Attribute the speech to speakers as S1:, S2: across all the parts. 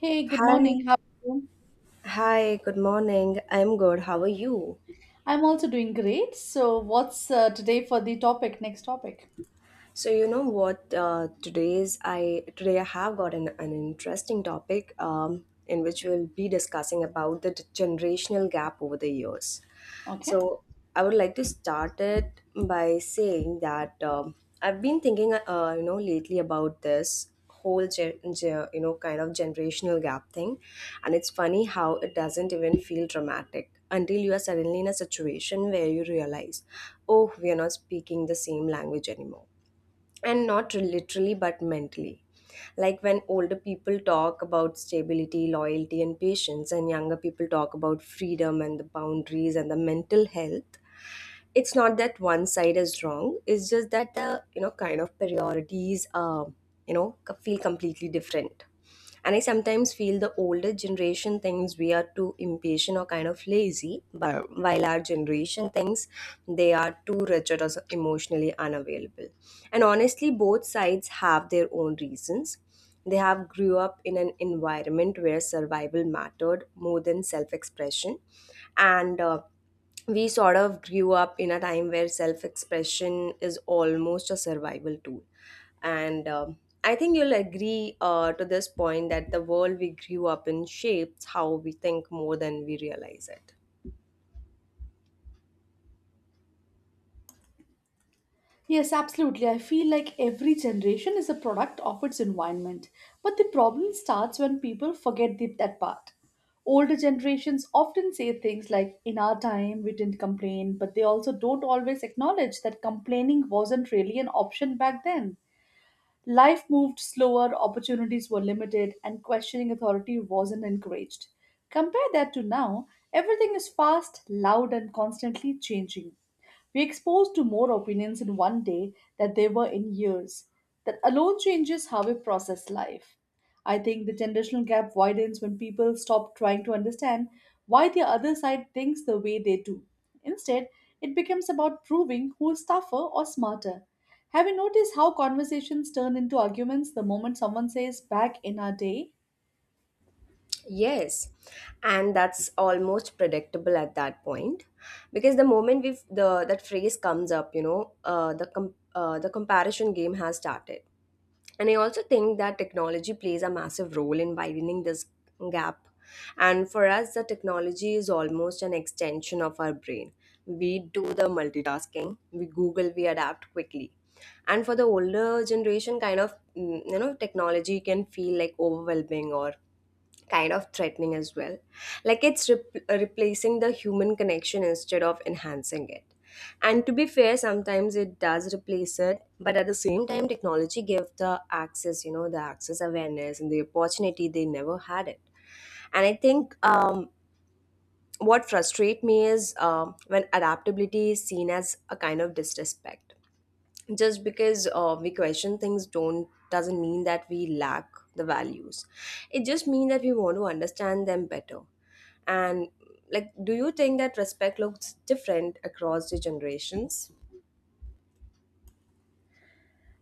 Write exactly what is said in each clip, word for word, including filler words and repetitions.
S1: Hey, good
S2: Hi,
S1: morning. How are you?
S2: hi, good morning. I'm good. How are you?
S1: I'm also doing great. So, what's uh, today for the topic? Next topic.
S2: So you know what? Uh, today's I today I have got an, an interesting topic um, in which we'll be discussing about the generational gap over the years.
S1: Okay.
S2: So I would like to start it by saying that um, I've been thinking, uh, you know, lately about this whole, gen- gen- you know, kind of generational gap thing, and it's funny how it doesn't even feel dramatic until you are suddenly in a situation where you realize, oh, we are not speaking the same language anymore, and not literally but mentally, like when older people talk about stability, loyalty, and patience, and younger people talk about freedom and the boundaries and the mental health. It's not that one side is wrong, it's just that the you know kind of priorities um you know feel completely different. And I sometimes feel the older generation thinks we are too impatient or kind of lazy, but while our generation thinks they are too rigid or emotionally unavailable. And honestly, both sides have their own reasons. They have grew up in an environment where survival mattered more than self expression. And uh, We sort of grew up in a time where self expression is almost a survival tool, and um, I think you'll agree uh, to this point that the world we grew up in shapes how we think more than we realize it.
S1: Yes, absolutely. I feel like every generation is a product of its environment. But the problem starts when people forget the, that part. Older generations often say things like, in our time, we didn't complain, but they also don't always acknowledge that complaining wasn't really an option back then. Life moved slower, opportunities were limited, and questioning authority wasn't encouraged. Compare that to now, everything is fast, loud, and constantly changing. We're exposed to more opinions in one day than they were in years. That alone changes how we process life. I think the generational gap widens when people stop trying to understand why the other side thinks the way they do. Instead, it becomes about proving who is tougher or smarter. Have you noticed how conversations turn into arguments the moment someone says back in our day?
S2: Yes, and that's almost predictable at that point, because the moment we the that phrase comes up, you know, uh, the com- uh, the comparison game has started. And I also think that technology plays a massive role in widening this gap. And for us, the technology is almost an extension of our brain. We do the multitasking, we Google, we adapt quickly, and for the older generation kind of mm, you know, technology can feel like overwhelming or kind of threatening as well, like it's rep- replacing the human connection instead of enhancing it. And to be fair, sometimes it does replace it, but at the same time technology gives the access, you know, the access, awareness, and the opportunity they never had it. And I think um, what frustrates me is um when adaptability is seen as a kind of disrespect just because uh, we question things don't doesn't mean that we lack the values, it just means that we want to understand them better. And like, do you think that respect looks different across the generations?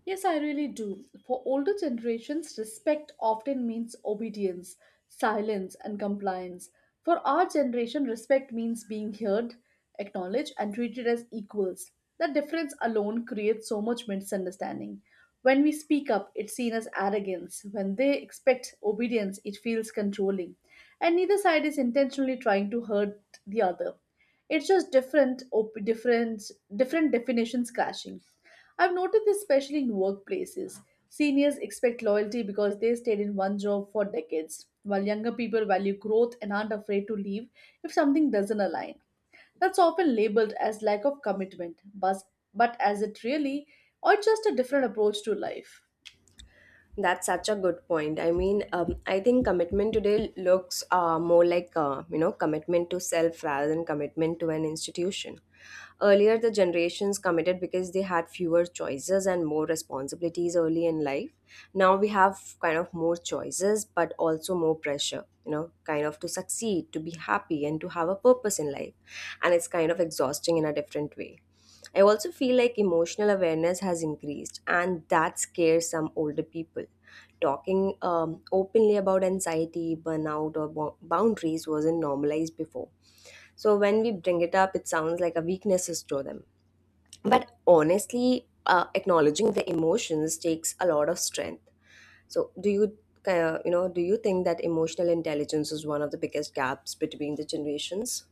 S1: Yes, I really do. For older generations, respect often means obedience, silence, and compliance. For our generation, respect means being heard, acknowledged, and treated as equals. That difference alone creates so much misunderstanding. When we speak up, it's seen as arrogance. When they expect obedience, it feels controlling. And neither side is intentionally trying to hurt the other. It's just different, op- different, different definitions clashing. I've noticed this especially in workplaces. Seniors expect loyalty because they stayed in one job for decades, while younger people value growth and aren't afraid to leave if something doesn't align. That's often labeled as lack of commitment, but, but as it really, or just a different approach to life.
S2: That's such a good point. I mean, um, I think commitment today looks uh, more like, uh, you know commitment to self rather than commitment to an institution. Earlier, the generations committed because they had fewer choices and more responsibilities early in life. Now we have kind of more choices, but also more pressure. You know, kind of to succeed, to be happy, and to have a purpose in life, and it's kind of exhausting in a different way. I also feel like emotional awareness has increased, and that scares some older people. Talking um, openly about anxiety, burnout, or bo- boundaries wasn't normalized before. So when we bring it up, it sounds like a weakness to them. But honestly, uh, acknowledging the emotions takes a lot of strength. So do you, uh, you know, do you think that emotional intelligence is one of the biggest gaps between the generations?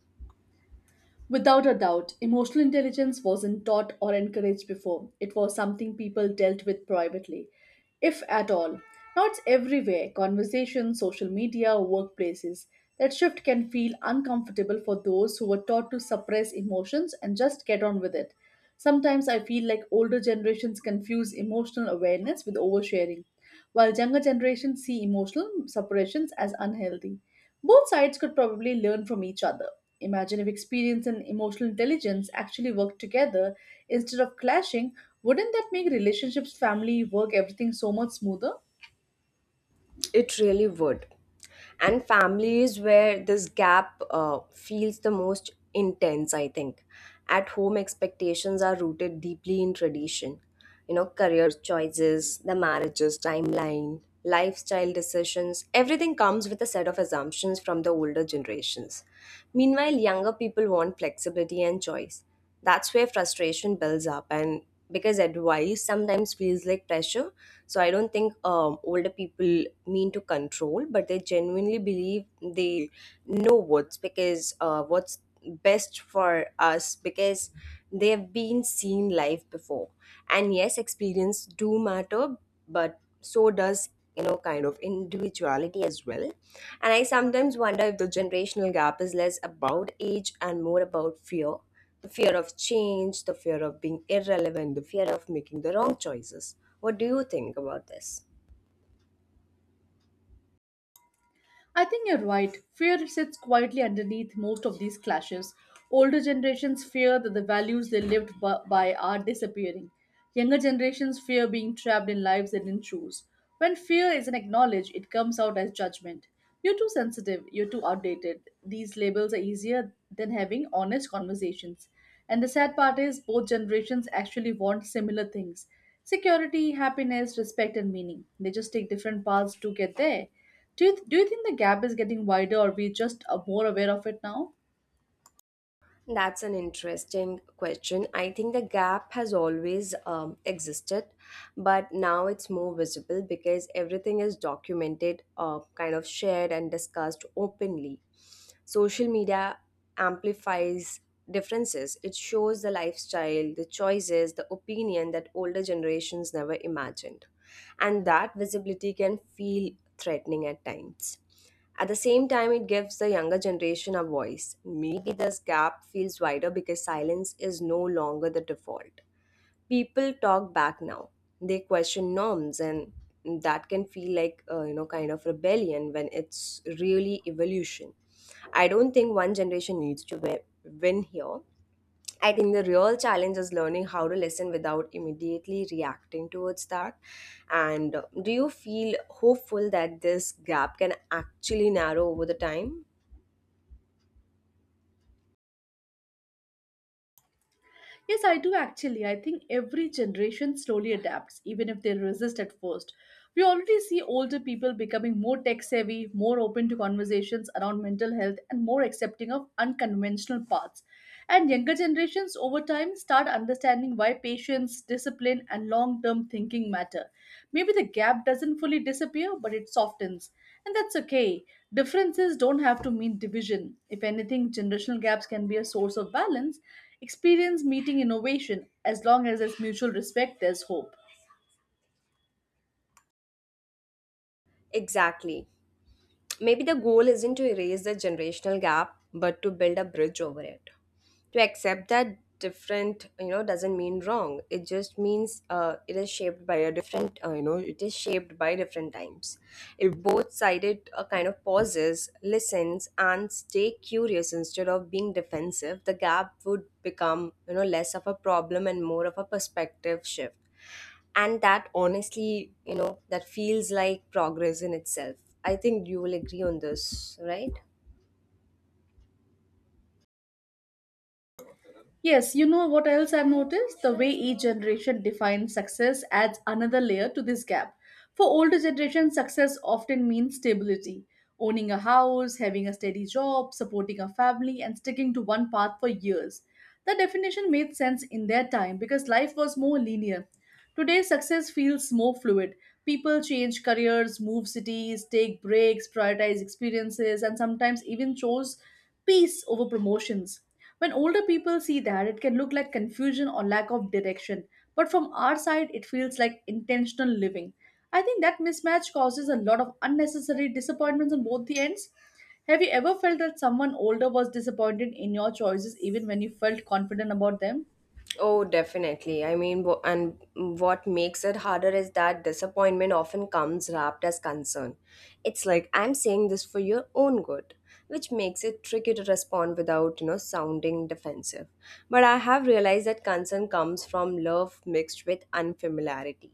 S1: Without a doubt, emotional intelligence wasn't taught or encouraged before. It was something people dealt with privately, if at all. Now it's everywhere: conversations, social media, workplaces. That shift can feel uncomfortable for those who were taught to suppress emotions and just get on with it. Sometimes I feel like older generations confuse emotional awareness with oversharing, while younger generations see emotional suppressions as unhealthy. Both sides could probably learn from each other. Imagine if experience and emotional intelligence actually worked together instead of clashing. Wouldn't that make relationships, family, work, everything so much smoother?
S2: It really would. And family is where this gap uh, feels the most intense, I think. At home, expectations are rooted deeply in tradition. You know, career choices, the marriages, timeline, lifestyle decisions, everything comes with a set of assumptions from the older generations. Meanwhile, younger people want flexibility and choice. That's where frustration builds up, and because advice sometimes feels like pressure, so I don't think um, older people mean to control, but they genuinely believe they know what's because uh, what's best for us because they have been seen life before. And yes, experience do matter, but so does, you know, kind of individuality as well. And I sometimes wonder if the generational gap is less about age and more about fear, the fear of change, the fear of being irrelevant, the fear of making the wrong choices. What do you think about this?
S1: I think you're right. Fear sits quietly underneath most of these clashes. Older generations fear that the values they lived bu- by are disappearing. Younger generations fear being trapped in lives they didn't choose. When fear isn't acknowledged, it comes out as judgment. You're too sensitive, you're too outdated. These labels are easier than having honest conversations. And the sad part is, both generations actually want similar things: security, happiness, respect, and meaning. They just take different paths to get there. Do you, do you think the gap is getting wider, or we just are more aware of it now?
S2: That's an interesting question. I think the gap has always um, existed, but now it's more visible because everything is documented, uh, kind of shared, and discussed openly. Social media amplifies differences, it shows the lifestyle, the choices, the opinion that older generations never imagined. And that visibility can feel threatening at times. At the same time, it gives the younger generation a voice. Maybe this gap feels wider because silence is no longer the default. People talk back now. They question norms, and that can feel like, uh, you know kind of rebellion when it's really evolution. I don't think one generation needs to wi- win here. I think the real challenge is learning how to listen without immediately reacting towards that. And uh, do you feel hopeful that this gap can actually narrow over the time?
S1: Yes, I do actually. I think every generation slowly adapts, even if they resist at first. We already see older people becoming more tech savvy, more open to conversations around mental health, and more accepting of unconventional paths. And younger generations over time start understanding why patience, discipline, and long term thinking matter. Maybe the gap doesn't fully disappear, but it softens. And that's okay. Differences don't have to mean division. If anything, generational gaps can be a source of balance, experience meeting innovation. As long as there's mutual respect, there's hope.
S2: Exactly. Maybe the goal isn't to erase the generational gap, but to build a bridge over it. To accept that different, you know, doesn't mean wrong. It just means, uh, it is shaped by a different, uh, you know, it is shaped by different times. If both sided uh, kind of pauses, listens, and stay curious instead of being defensive, the gap would become, you know, less of a problem and more of a perspective shift, and that honestly, you know, that feels like progress in itself. I think you will agree on this, right?
S1: Yes, you know what else I've noticed? The way each generation defines success adds another layer to this gap. For older generation, success often means stability, owning a house, having a steady job, supporting a family, and sticking to one path for years. The definition made sense in their time because life was more linear. Today, success feels more fluid. People change careers, move cities, take breaks, prioritize experiences, and sometimes even chose peace over promotions. When older people see that, it can look like confusion or lack of direction. But from our side, it feels like intentional living. I think that mismatch causes a lot of unnecessary disappointments on both the ends. Have you ever felt that someone older was disappointed in your choices even when you felt confident about them?
S2: Oh, definitely. I mean, wh- and what makes it harder is that disappointment often comes wrapped as concern. It's like, I'm saying this for your own good, which makes it tricky to respond without, you know, sounding defensive. But I have realized that concern comes from love mixed with unfamiliarity,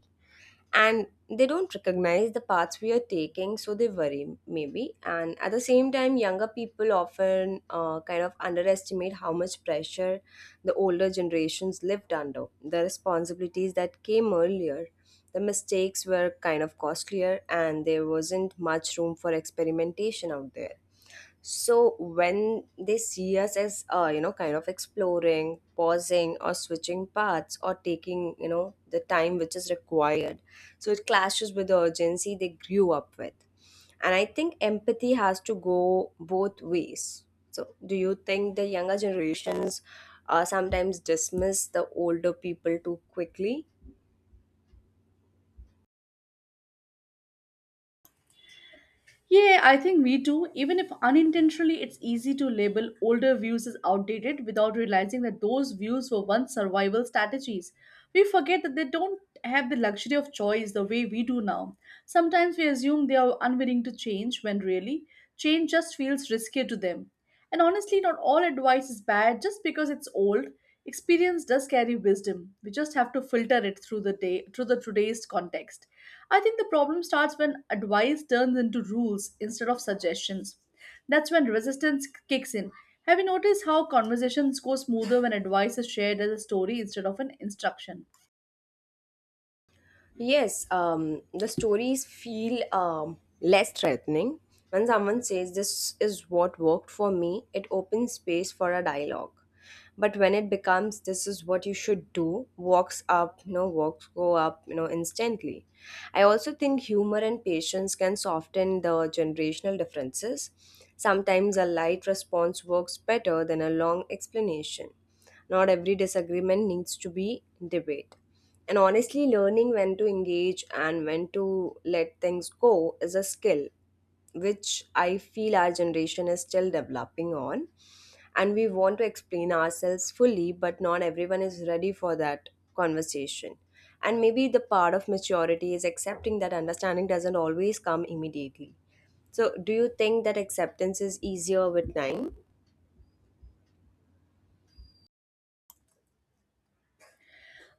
S2: and they don't recognize the paths we are taking, so they worry maybe. And at the same time, younger people often uh, kind of underestimate how much pressure the older generations lived under, the responsibilities that came earlier, the mistakes were kind of costlier, and there wasn't much room for experimentation out there. So when they see us as, uh, you know kind of exploring, pausing, or switching paths, or taking, you know, the time which is required, so it clashes with the urgency they grew up with. And I think empathy has to go both ways. So do you think the younger generations uh, sometimes dismiss the older people too quickly?
S1: Yeah, I think we do. Even if unintentionally, it's easy to label older views as outdated without realizing that those views were once survival strategies. We forget that they don't have the luxury of choice the way we do now. Sometimes we assume they are unwilling to change when really, change just feels riskier to them. And honestly, not all advice is bad just because it's old. Experience does carry wisdom. We just have to filter it through the day through the today's context. I think the problem starts when advice turns into rules instead of suggestions. That's when resistance kicks in. Have you noticed how conversations go smoother when advice is shared as a story instead of an instruction?
S2: Yes, um, the stories feel um, less threatening. When someone says, this is what worked for me, it opens space for a dialogue. But when it becomes, this is what you should do, walks up, you know, walks go up, you know, instantly. I also think humor and patience can soften the generational differences. Sometimes a light response works better than a long explanation. Not every disagreement needs to be debate. And honestly, learning when to engage and when to let things go is a skill which I feel our generation is still developing on. And we want to explain ourselves fully, but not everyone is ready for that conversation. And maybe the part of maturity is accepting that understanding doesn't always come immediately. So, do you think that acceptance is easier with time?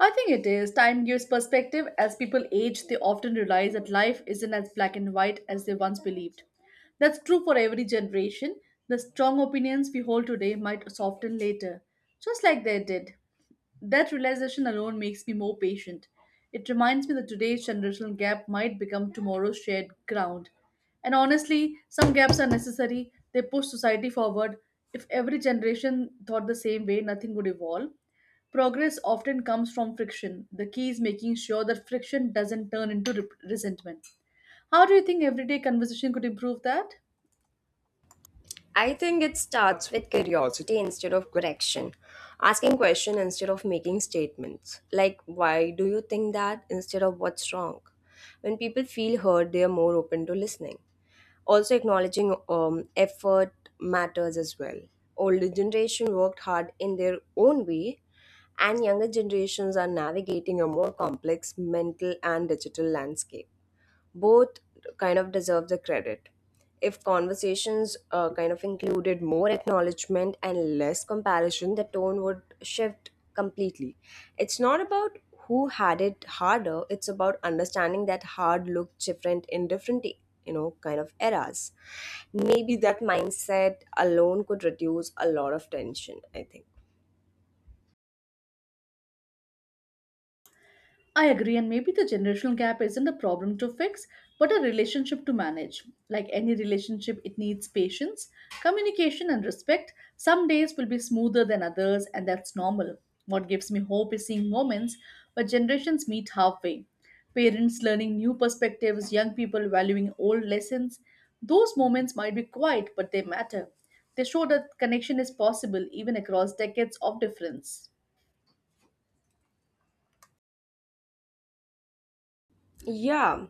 S1: I think it is. Time gives perspective. As people age, they often realize that life isn't as black and white as they once believed. That's true for every generation. The strong opinions we hold today might soften later, just like they did. That realization alone makes me more patient. It reminds me that today's generational gap might become tomorrow's shared ground. And honestly, some gaps are necessary. They push society forward. If every generation thought the same way, nothing would evolve. Progress often comes from friction. The key is making sure that friction doesn't turn into re- resentment. How do you think everyday conversation could improve that?
S2: I think it starts with curiosity instead of correction. Asking questions instead of making statements. Like, why do you think that instead of what's wrong? When people feel heard, they are more open to listening. Also, acknowledging um, effort matters as well. Older generation worked hard in their own way, and younger generations are navigating a more complex mental and digital landscape, both kind of deserve the credit. If conversations uh, kind of included more acknowledgement and less comparison, the tone would shift completely. It's not about who had it harder, it's about understanding that hard looked different in different, you know, kind of eras. Maybe that mindset alone could reduce a lot of tension, I think.
S1: I agree, and maybe the generational gap isn't a problem to fix, but a relationship to manage. Like any relationship, it needs patience, communication, and respect. Some days will be smoother than others, and that's normal. What gives me hope is seeing moments where generations meet halfway. Parents learning new perspectives, young people valuing old lessons. Those moments might be quiet, but they matter. They show that connection is possible even across decades of difference.
S2: Yeah.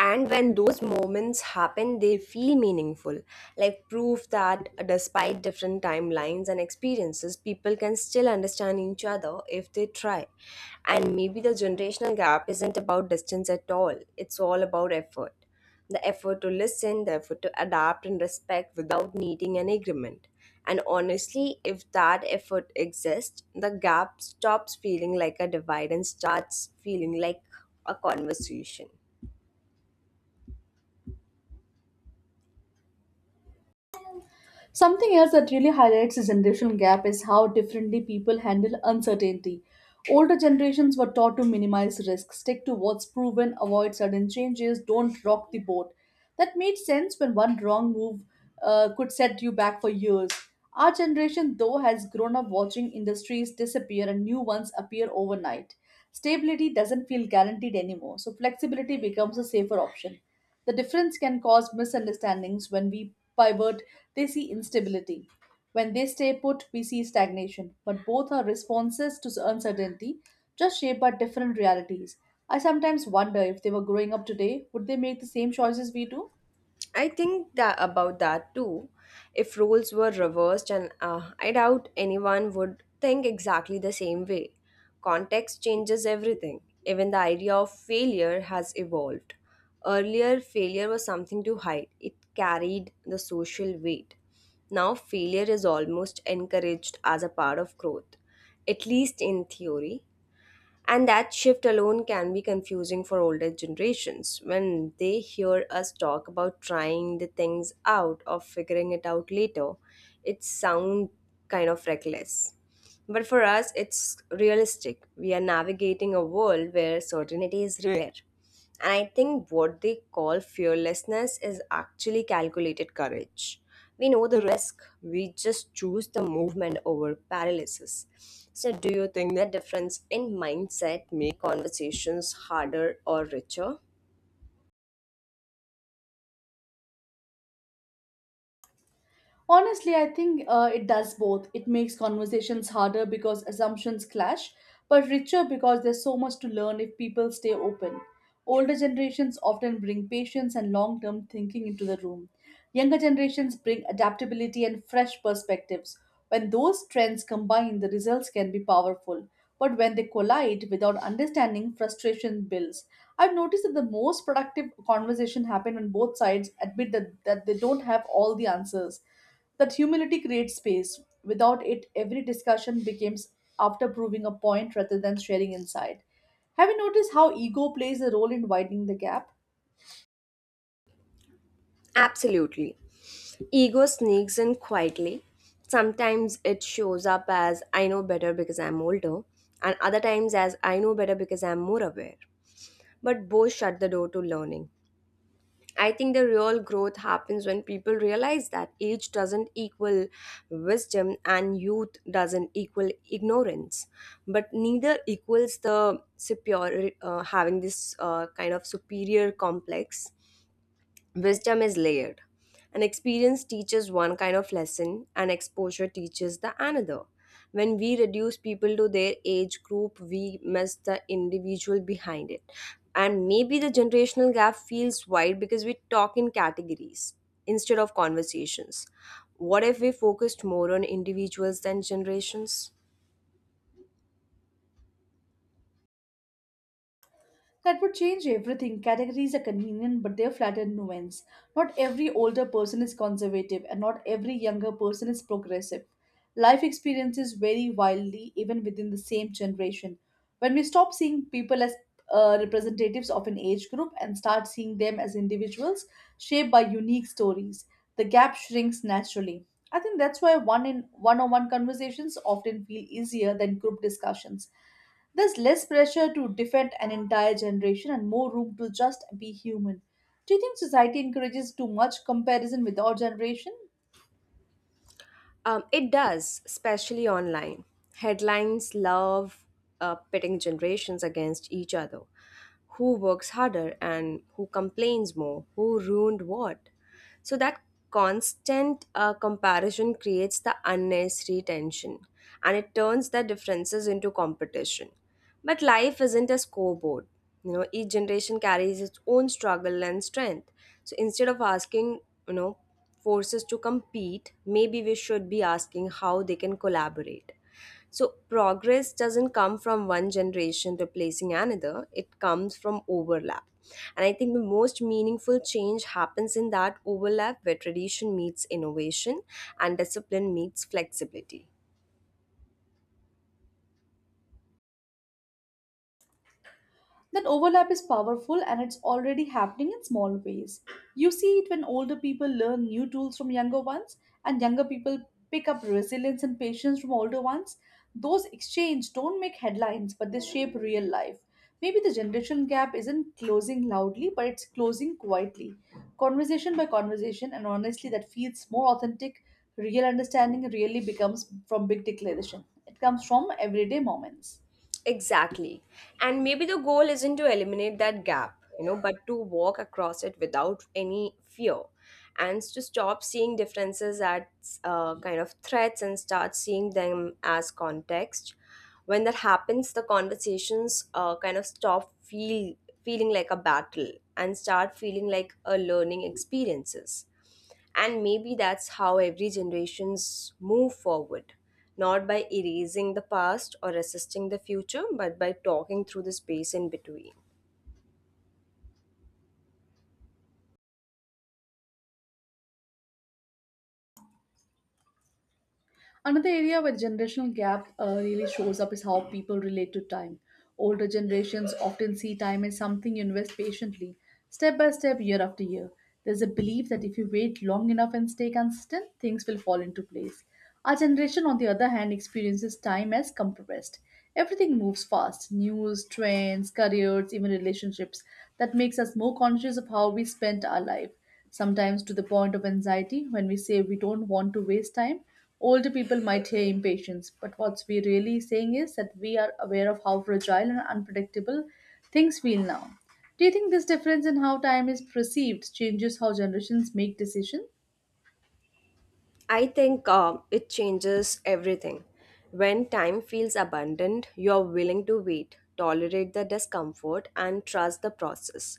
S2: And when those moments happen, they feel meaningful, like proof that despite different timelines and experiences, people can still understand each other if they try. And maybe the generational gap isn't about distance at all, it's all about effort. The effort to listen, the effort to adapt and respect without needing an agreement. And honestly, if that effort exists, the gap stops feeling like a divide and starts feeling like a conversation.
S1: Something else that really highlights the generational gap is how differently people handle uncertainty. Older generations were taught to minimize risk, stick to what's proven, avoid sudden changes, don't rock the boat. That made sense when one wrong move uh, could set you back for years. Our generation, though, has grown up watching industries disappear and new ones appear overnight. Stability doesn't feel guaranteed anymore, so flexibility becomes a safer option. The difference can cause misunderstandings. When we pivot, they see instability. When they stay put, we see stagnation. But both are responses to uncertainty, just shaped by different realities. I sometimes wonder if they were growing up today, would they make the same choices we do?
S2: I think that about that too. If roles were reversed, and uh, I doubt anyone would think exactly the same way. Context changes everything. Even the idea of failure has evolved. Earlier, failure was something to hide, it carried the social weight. Now, failure is almost encouraged as a part of growth, at least in theory. And that shift alone can be confusing for older generations when they hear us talk about trying the things out or figuring it out later. It sounds kind of reckless. But for us, it's realistic. We are navigating a world where certainty is rare. I think what they call fearlessness is actually calculated courage. We know the risk, we just choose the movement over paralysis. So, do you think the difference in mindset make conversations harder or richer?
S1: Honestly, I think uh, it does both. It makes conversations harder because assumptions clash, but richer because there's so much to learn if people stay open. Older generations often bring patience and long term thinking into the room. Younger generations bring adaptability and fresh perspectives. When those trends combine, the results can be powerful. But when they collide without understanding, frustration builds. I've noticed that the most productive conversation happen when both sides admit that, that they don't have all the answers. That humility creates space. Without it, every discussion becomes after proving a point rather than sharing insight. Have you noticed how ego plays a role in widening the gap?
S2: Absolutely. Ego sneaks in quietly. Sometimes it shows up as I know better because I'm older, and other times as I know better because I'm more aware. But both shut the door to learning. I think the real growth happens when people realize that age doesn't equal wisdom and youth doesn't equal ignorance, but neither equals the superior, uh, having this uh, kind of superior complex. Wisdom is layered. An experience teaches one kind of lesson, and exposure teaches the another. When we reduce people to their age group, we miss the individual behind it. And maybe the generational gap feels wide because we talk in categories instead of conversations. What if we focused more on individuals than generations?
S1: That would change everything. Categories are convenient, but they're flattened nuance. Not every older person is conservative, and not every younger person is progressive. Life experiences vary wildly, even within the same generation. When we stop seeing people as uh, representatives of an age group and start seeing them as individuals shaped by unique stories, the gap shrinks naturally. I think that's why one in one-on-one conversations often feel easier than group discussions. There's less pressure to defend an entire generation and more room to just be human. Do you think society encourages too much comparison with our generation?
S2: Um, it does, especially online. Headlines love uh, pitting generations against each other. Who works harder and who complains more? Who ruined what? So that constant uh, comparison creates the unnecessary tension and it turns the differences into competition. But life isn't a scoreboard. You know, each generation carries its own struggle and strength. So instead of asking, you know, forces to compete, maybe we should be asking how they can collaborate. So, progress doesn't come from one generation replacing another, it comes from overlap. And I think the most meaningful change happens in that overlap where tradition meets innovation and discipline meets flexibility.
S1: That overlap is powerful and it's already happening in small ways. You see it when older people learn new tools from younger ones, and younger people pick up resilience and patience from older ones. Those exchanges don't make headlines, but they shape real life. Maybe the generation gap isn't closing loudly, but it's closing quietly. Conversation by conversation, and honestly, that feels more authentic. Real understanding really becomes from big declaration, it comes from everyday moments.
S2: Exactly. And maybe the goal isn't to eliminate that gap, you know, but to walk across it without any fear and to stop seeing differences as uh, kind of threats and start seeing them as context. When that happens, the conversations uh, kind of stop feel, feeling like a battle and start feeling like a learning experiences. And maybe that's how every generations move forward, not by erasing the past or resisting the future, but by talking through the space in between.
S1: Another area where generational gap uh, really shows up is how people relate to time. Older generations often see time as something you invest patiently, step by step, year after year. There's a belief that if you wait long enough and stay consistent, things will fall into place. Our generation, on the other hand, experiences time as compressed. Everything moves fast: news, trends, careers, even relationships. That makes us more conscious of how we spend our life, sometimes to the point of anxiety. When we say we don't want to waste time, older people might hear impatience, but what we're really saying is that we are aware of how fragile and unpredictable things feel now. Do you think this difference in how time is perceived changes how generations make decisions?
S2: I think um, it changes everything. When time feels abundant, you're willing to wait, tolerate the discomfort, and trust the process.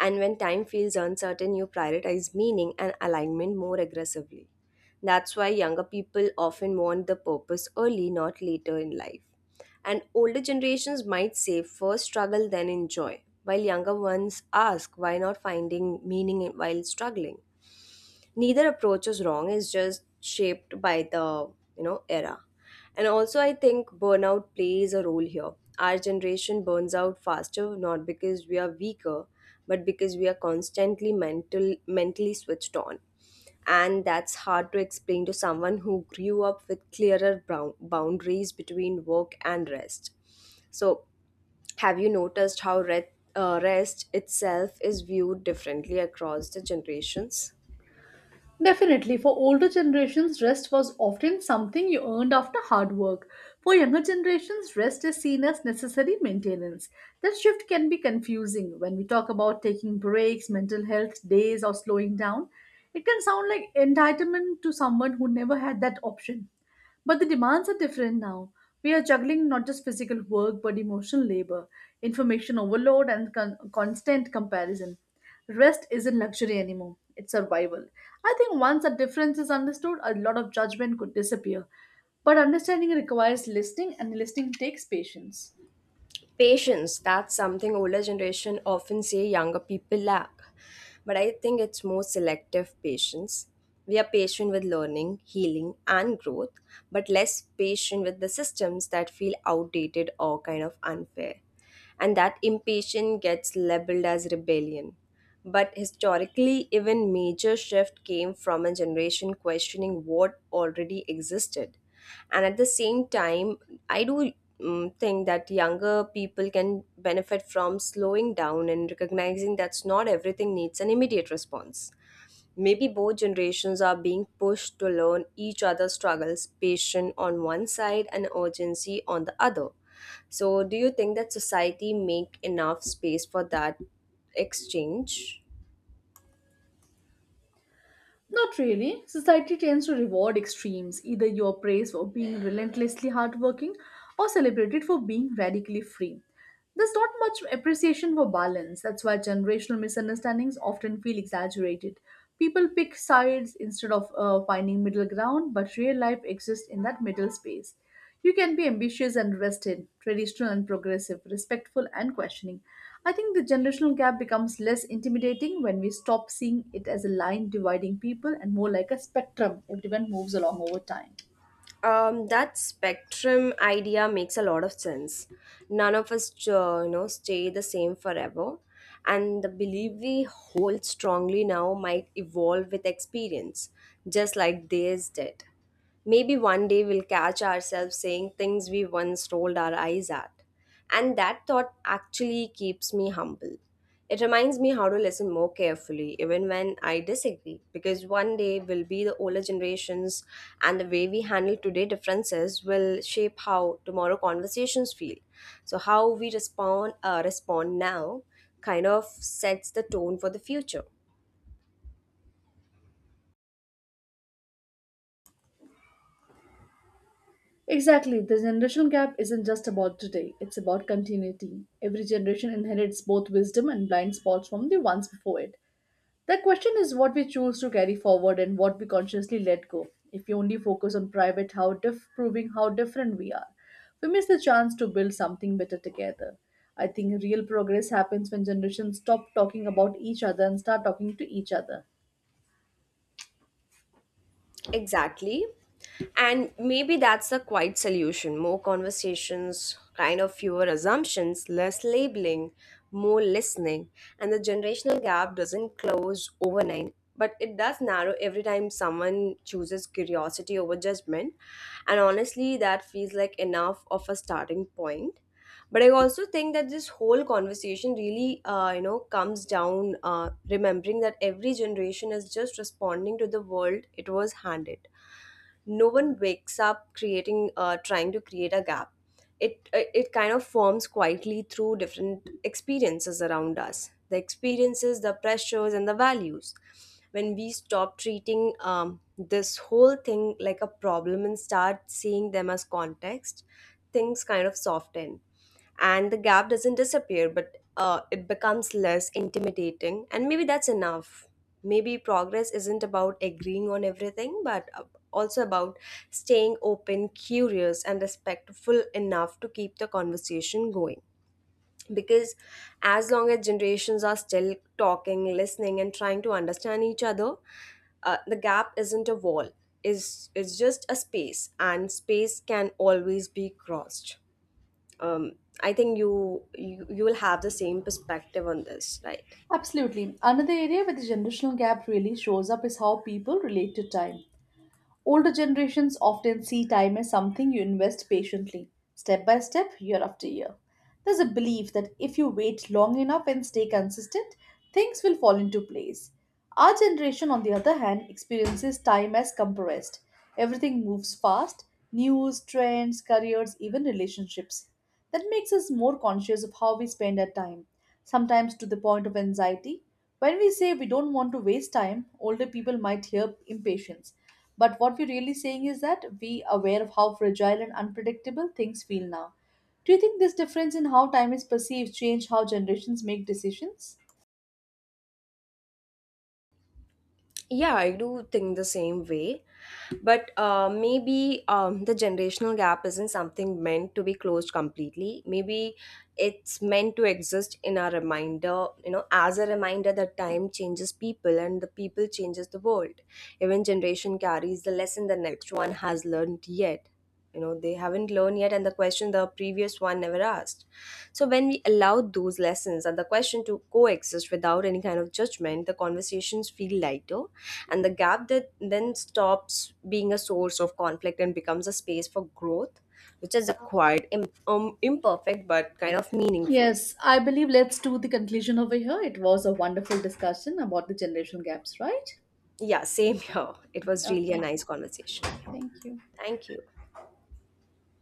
S2: And when time feels uncertain, you prioritize meaning and alignment more aggressively. That's why younger people often want the purpose early, not later in life. And older generations might say first struggle, then enjoy, while younger ones ask why not finding meaning while struggling, neither approach is wrong. It's just shaped by the, you know, era. And also, I think burnout plays a role here. Our generation burns out faster, not because we are weaker, but because we are constantly mental mentally switched on, and that's hard to explain to someone who grew up with clearer brou- boundaries between work and rest. So have you noticed how re- uh, rest itself is viewed differently across the generations?
S1: Definitely. For older generations, rest was often something you earned after hard work. For younger generations, rest is seen as necessary maintenance. That shift can be confusing when we talk about taking breaks, mental health days, or slowing down. It can sound like entitlement to someone who never had that option. But the demands are different now. We are juggling not just physical work but emotional labor, information overload, and con- constant comparison. Rest isn't luxury anymore, it's survival. I think once that difference is understood, a lot of judgment could disappear. But understanding requires listening, and listening takes patience.
S2: Patience, that's something older generation often say younger people lack. But I think it's more selective patience. We are patient with learning, healing, and growth, but less patient with the systems that feel outdated or kind of unfair, and that impatience gets labeled as rebellion. But historically, even major shift came from a generation questioning what already existed. And at the same time, I do mm think that younger people can benefit from slowing down and recognizing that's not everything needs an immediate response. Maybe both generations are being pushed to learn each other's struggles, patience on one side and urgency on the other. So, do you think that society make enough space for that exchange?
S1: Not really. Society tends to reward extremes. Either you are praised for being relentlessly hardworking or celebrated for being radically free. There's not much appreciation for balance. That's why generational misunderstandings often feel exaggerated. People pick sides instead of uh, finding middle ground, but real life exists in that middle space. You can be ambitious and rested, traditional and progressive, respectful and questioning. I think the generational gap becomes less intimidating when we stop seeing it as a line dividing people and more like a spectrum everyone moves along over time.
S2: Um, that spectrum idea makes a lot of sense. None of us, uh, you know, stay the same forever, and the belief we hold strongly now might evolve with experience, just like theirs did. Maybe one day we'll catch ourselves saying things we once rolled our eyes at. And that thought actually keeps me humble. It reminds me how to listen more carefully, even when I disagree, because one day will be the older generations, and the way we handle today differences will shape how tomorrow conversations feel. So how we respond uh, respond now kind of sets the tone for the future.
S1: Exactly, the generational gap isn't just about today, it's about continuity. Every generation inherits both wisdom and blind spots from the ones before it. The question is what we choose to carry forward and what we consciously let go. If we only focus on private, how diff- proving how different we are, we miss the chance to build something better together. I think real progress happens when generations stop talking about each other and start talking to each other.
S2: Exactly. And maybe that's a quiet solution. More conversations, kind of fewer assumptions, less labeling, more listening. And the generational gap doesn't close overnight, but it does narrow every time someone chooses curiosity over judgment. And honestly, that feels like enough of a starting point. But I also think that this whole conversation really, uh, you know, comes down uh, remembering that every generation is just responding to the world it was handed. No one wakes up creating uh, trying to create a gap. It uh, it kind of forms quietly through different experiences around us, the experiences, the pressures, and the values. When we stop treating um, this whole thing like a problem and start seeing them as context, things kind of soften. And the gap doesn't disappear, but uh, it becomes less intimidating, and maybe that's enough. Maybe progress isn't about agreeing on everything, but uh, also about staying open, curious, and respectful enough to keep the conversation going. Because as long as generations are still talking, listening, and trying to understand each other, uh, the gap isn't a wall. Is It's just a space, and space can always be crossed. um, I think you, you you will have the same perspective on this, right?
S1: Absolutely. Another area where the generational gap really shows up is how people relate to time. Older generations often see time as something you invest patiently, step by step, year after year. There's a belief that if you wait long enough and stay consistent, things will fall into place. Our generation, on the other hand, experiences time as compressed. Everything moves fast: news, trends, careers, even relationships. That makes us more conscious of how we spend our time, sometimes to the point of anxiety. When we say we don't want to waste time, older people might hear impatience. But what we're really saying is that we are aware of how fragile and unpredictable things feel now. Do you think this difference in how time is perceived change how generations make decisions?
S2: Yeah, I do think the same way. But uh, maybe um, the generational gap isn't something meant to be closed completely. Maybe it's meant to exist in a reminder, you know, as a reminder that time changes people and the people changes the world. Even generation carries the lesson the next one has learned yet. You know, they haven't learned yet, and the question the previous one never asked. So when we allow those lessons and the question to coexist without any kind of judgment, the conversations feel lighter, and the gap that then stops being a source of conflict and becomes a space for growth, which is acquired, im- um, imperfect but kind of meaningful.
S1: Yes, I believe let's do the conclusion over here. It was a wonderful discussion about the generational gaps, right?
S2: Yeah, same here, it was really a
S1: Okay,
S2: nice conversation. Yeah.
S1: thank you.
S2: Thank you.